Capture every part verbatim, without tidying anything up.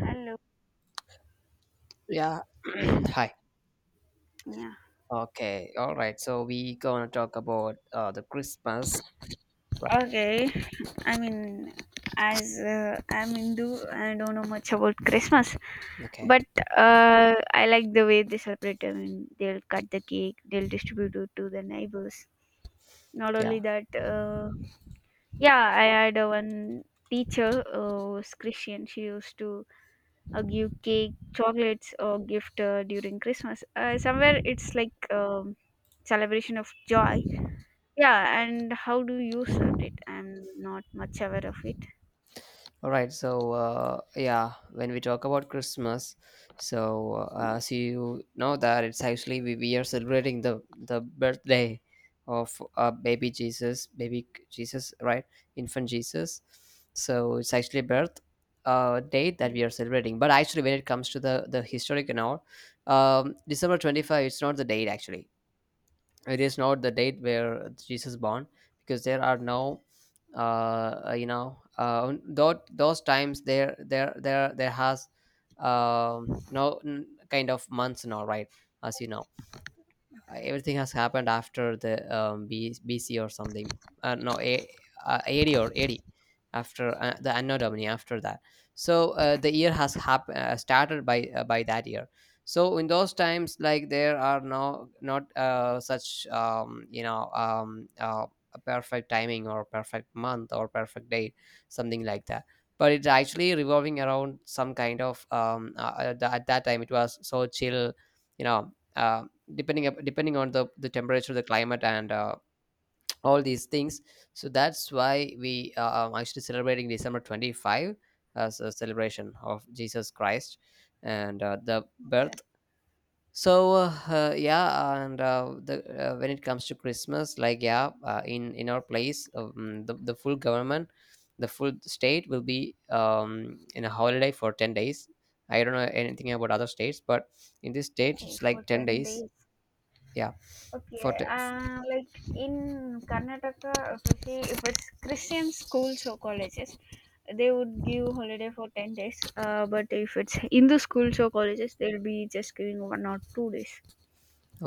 Hello. Yeah. Hi. Yeah. Okay. All right. So we gonna talk about uh, the Christmas. Right. Okay. I mean, as uh, I'm Hindu, I don't know much about Christmas, Okay. but uh, I like the way they celebrate. I mean, they'll cut the cake, they'll distribute it to the neighbors. Not Yeah. only that, uh, yeah, I had uh, one teacher uh, was Christian. She used to uh, give cake, chocolates, or gift uh, during Christmas. Uh, somewhere it's like um, celebration of joy. Yeah, and how do you serve it? I'm not much aware of it. All right. So uh, yeah, when we talk about Christmas, so uh, as Yes. you know that it's actually we, we are celebrating the the birthday of uh, baby Jesus, baby Jesus, right? Infant Jesus. So it's actually birth uh, date that Mm. we are celebrating. But actually, when it comes to the the historic and all, um, December twenty five, it's not the date actually, it is not the date where Jesus born, because there are no uh you know uh those those times, there there there there has um no n- kind of months now, right, as you know. Uh, everything has happened after the um, B, BC or something. Uh, no, A, uh, A D or AD after uh, the Anno Domini after that. So uh, the year has hap- uh, started by uh, by that year. So in those times, like, there are no not uh, such um, you know um, uh, a perfect timing or perfect month or perfect date, something like that. But it's actually revolving around some kind of um, uh, uh, the, at that time it was so chill, you know. Um, depending up depending on the the temperature, the climate, and uh, all these things. So that's why we uh, are actually celebrating december twenty-five as a celebration of jesus christ, and uh, the birth. So uh, uh, yeah, and uh, the uh, when it comes to christmas, like, yeah, uh, in in our place, um, the, the full government, the full state will be um, in a holiday for ten days. I don't know anything about other states, but in this state Oh, it's for like ten ten days. days. Yeah. for Okay, te- uh, like in Karnataka, if you see, if it's Christian schools or colleges, they would give holiday for ten days. Uh, but if it's Hindu schools or colleges, they'll be just giving one or two days.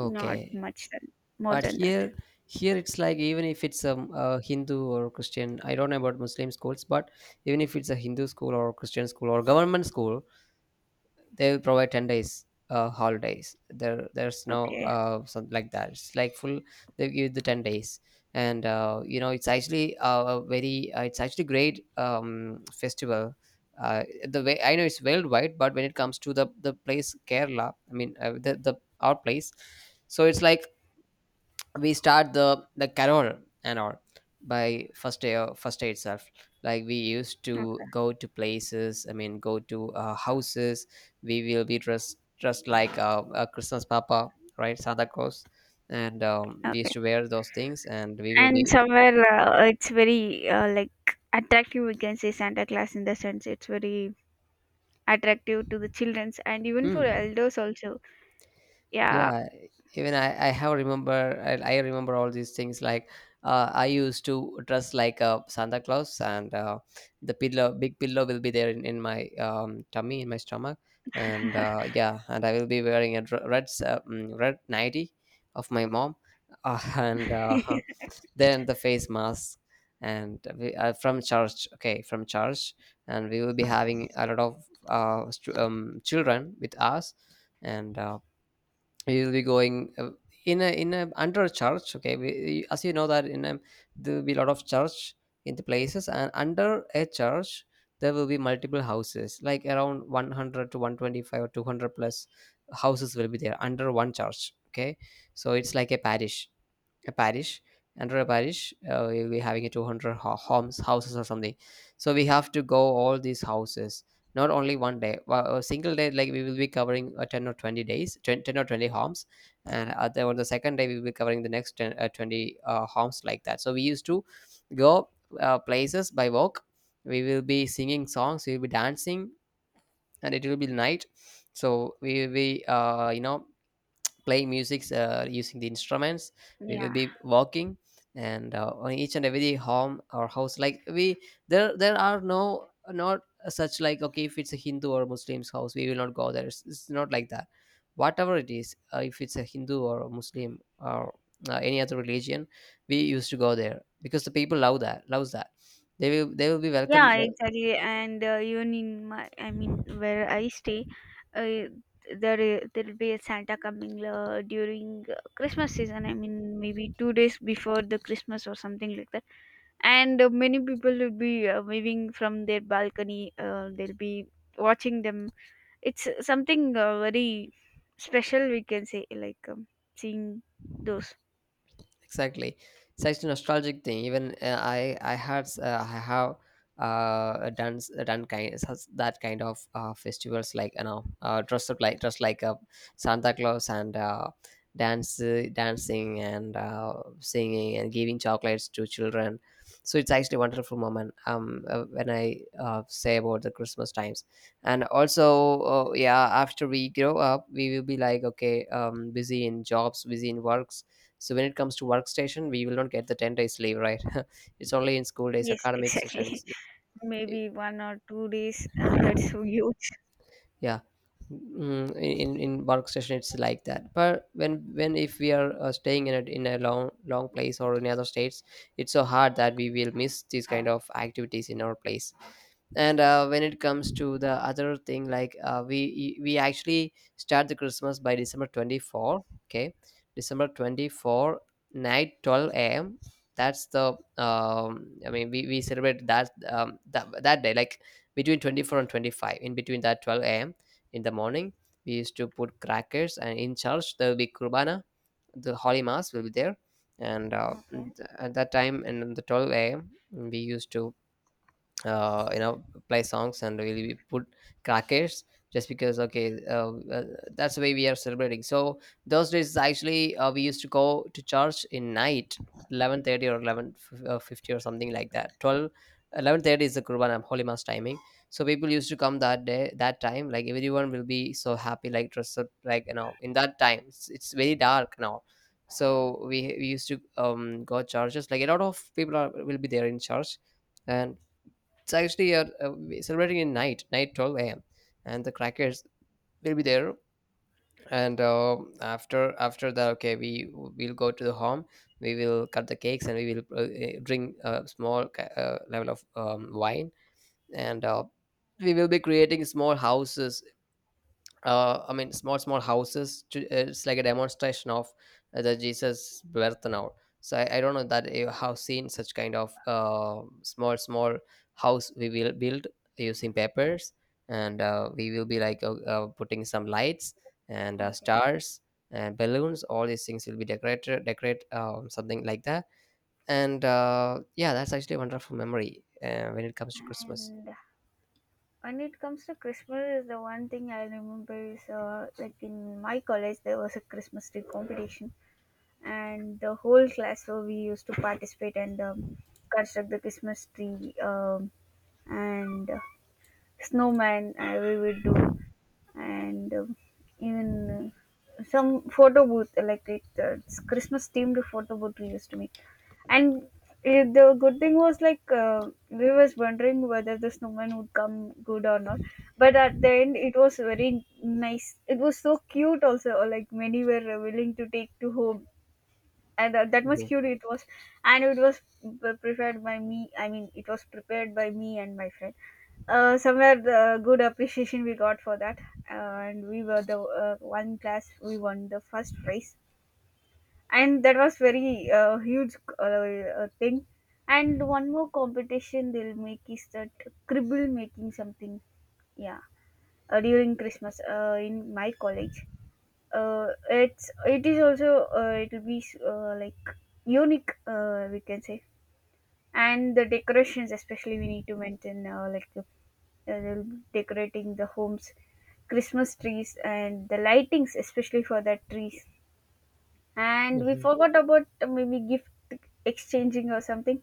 Not much than, more but than that. here, here it's like, even if it's um, a hindu or christian, I don't know about muslim schools, but even if it's a hindu school or christian school or government school, they provide ten days uh holidays, there there's no Okay, uh something like that. It's like full, they give the ten days. And uh you know it's actually uh, a very, uh, it's actually great, um festival. Uh the way I know, it's worldwide. But when it comes to the the place, kerala, I mean, uh, the, the our place. So it's like, we start the the carol and all by first day, uh, first day itself. Like, we used okay, to go to places, I mean go to uh, houses. We will be dressed dressed like uh, a christmas papa, right, santa claus. And um, we used okay. to wear those things, and we will And be. somewhere uh, it's very uh, like attractive, we can say. Santa Claus in the sense, it's very attractive to the childrens and even for Mm. elders also. Yeah. Yeah. Even i i have remember i, I remember all these things, like, uh, I used to dress like a santa claus, and uh, the pillow big pillow will be there in, in my um, tummy, in my stomach. And uh, yeah, and I will be wearing a dr- red s- uh, mm, red nightie of my mom. Uh, and uh, then the face mask. And we are from church, okay, from church. And we will be having Okay. a lot of uh, str- um, children with us, and uh, we will be going uh, in a in a under a church. Okay, we, as you know that in a there will be a lot of church in the places, and under a church there will be multiple houses, like around one hundred to one hundred twenty-five or two hundred plus houses will be there under one church, okay. So it's like a parish, a parish. Under a parish, uh, we- we're having a two hundred ho- homes houses or something. So we have to go all these houses, not only one day, well, a single day. Like, we will be covering uh, ten or twenty days ten, ten or twenty homes, and other on the second day we will be covering the next ten, uh, twenty, uh, homes, like that. So we used to go uh, places by walk. We will be singing songs, we will be dancing, and it will be night. So we will be, uh, you know play musics, uh, using the instruments. We will Yeah, be walking, and uh, on each and every home or house, like, we, there there are no not such, like, okay, if it's a hindu or muslim's house, we will not go there. it's, it's not like that. Whatever it is, uh, if it's a hindu or a muslim or uh, any other religion, we used to go there, because the people love that loves that. they will they will be welcome. yeah, exactly. And uh, even in my, I mean, where I stay, uh, there i- there'll be a Santa coming uh, during uh, Christmas season. I mean, maybe two days before the Christmas or something like that. And uh, many people will be uh, waving from their balcony. Uh, they'll be watching them. It's uh, something uh, very special, we can say, like um, seeing those. Exactly, it's actually a nostalgic thing. Even, uh, I, I had, s- uh, I have uh done s- done kind such- that kind of uh, festivals, like, you know uh, dress up like dress like a Santa Claus, and uh, dance dancing, and uh, singing, and giving chocolates to children. So it's actually a wonderful moment, um uh, when I uh, say about the Christmas times. And also, uh, yeah, after we grow up we will be like, okay, um busy in jobs, busy in works. So when it comes to workstation we will not get the ten days leave, right. It's only in school days, Yes, academic sessions. exactly. Maybe one or two days, and that's huge. Yeah. Mm, in in workstation it's like that. But when when if we are uh, staying in a, in a long, long place or in other states, it's so hard that we will miss these kind of activities in our place. And uh, when it comes to the other thing, like, uh, we we actually start the christmas by december twenty-four, okay, december twenty-four night twelve a.m. That's the, um I mean, we, we celebrate that, um that, that day, like between twenty-four and twenty-five, in between that twelve a.m., in the morning, we used to put crackers, and in church there will be kurbana, the holy mass will be there. And uh, th- Okay, at that time, and on the twelve a m, we used to, uh, you know play songs, and really we put crackers, just because, okay, uh, uh, that's the way we are celebrating. So those days actually, uh, we used to go to church in night, eleven thirty or eleven fifty, or something like that. Twelve, eleven thirty is the kurban and holy mass timing. So people used to come that day, that time, like, everyone will be so happy, like dressed up, like, you know in that time, it's, it's very dark now. So we, we used to, um go churches, like a lot of people are will be there in church. And it's actually, uh, uh, we celebrating in night, night twelve a.m., and the crackers will be there. And uh, after after that, okay, we will go to the home. We will cut the cakes, and we will, uh, eh, drink a small, ca- uh, level of um, wine. And uh, we will be creating small houses, uh, I mean, small, small houses. To, it's like a demonstration of uh, the Jesus birth now. So I, I don't know that you have seen such kind of uh, small, small house we will build using papers. And uh, we will be like, uh, uh, putting some lights, and uh, okay. stars, and balloons. All these things will be decorated, decorate, um, something like that. And uh, yeah, that's actually a wonderful memory uh, when it comes to Christmas. And when it comes to Christmas, the one thing I remember is uh, like in my college there was a Christmas tree competition, and the whole class, so we used to participate and um, construct the Christmas tree, um, and uh, snowman uh, we would do, and um, even uh, some photo booth, like it, uh, it's Christmas themed photo booth we used to make. And uh, the good thing was, like uh, we was wondering whether the snowman would come good or not. But at the end, it was very nice. It was so cute also. or, Like, many were uh, willing to take to home, and uh, that much cute it was. And it was p- prepared by me. I mean, it was prepared by me and my friend. Uh, somewhere the good appreciation we got for that, uh, and we were the uh, one class, we won the first prize, and that was very uh, huge uh, uh, thing. And one more competition they'll make is that cribble making something, yeah, uh, during Christmas uh, in my college. Uh, it's it is also, uh, it'll be uh, like unique, uh, we can say. And the decorations especially we need to maintain, uh, like uh, they'll be decorating the homes, Christmas trees, and the lightings especially for the trees. And we Mhm. forgot about uh, maybe gift exchanging or something.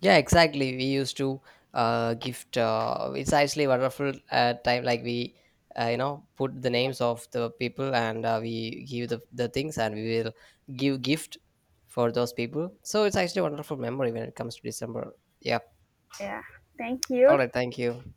Yeah, exactly. We used to, uh, gift. Uh, it's actually wonderful, uh, time. Like, we, uh, you know, put the names of the people, and uh, we give the the things, and we will give gift for those people. So it's actually a wonderful memory when it comes to December. Yeah. Yeah. Thank All you. right. Thank you.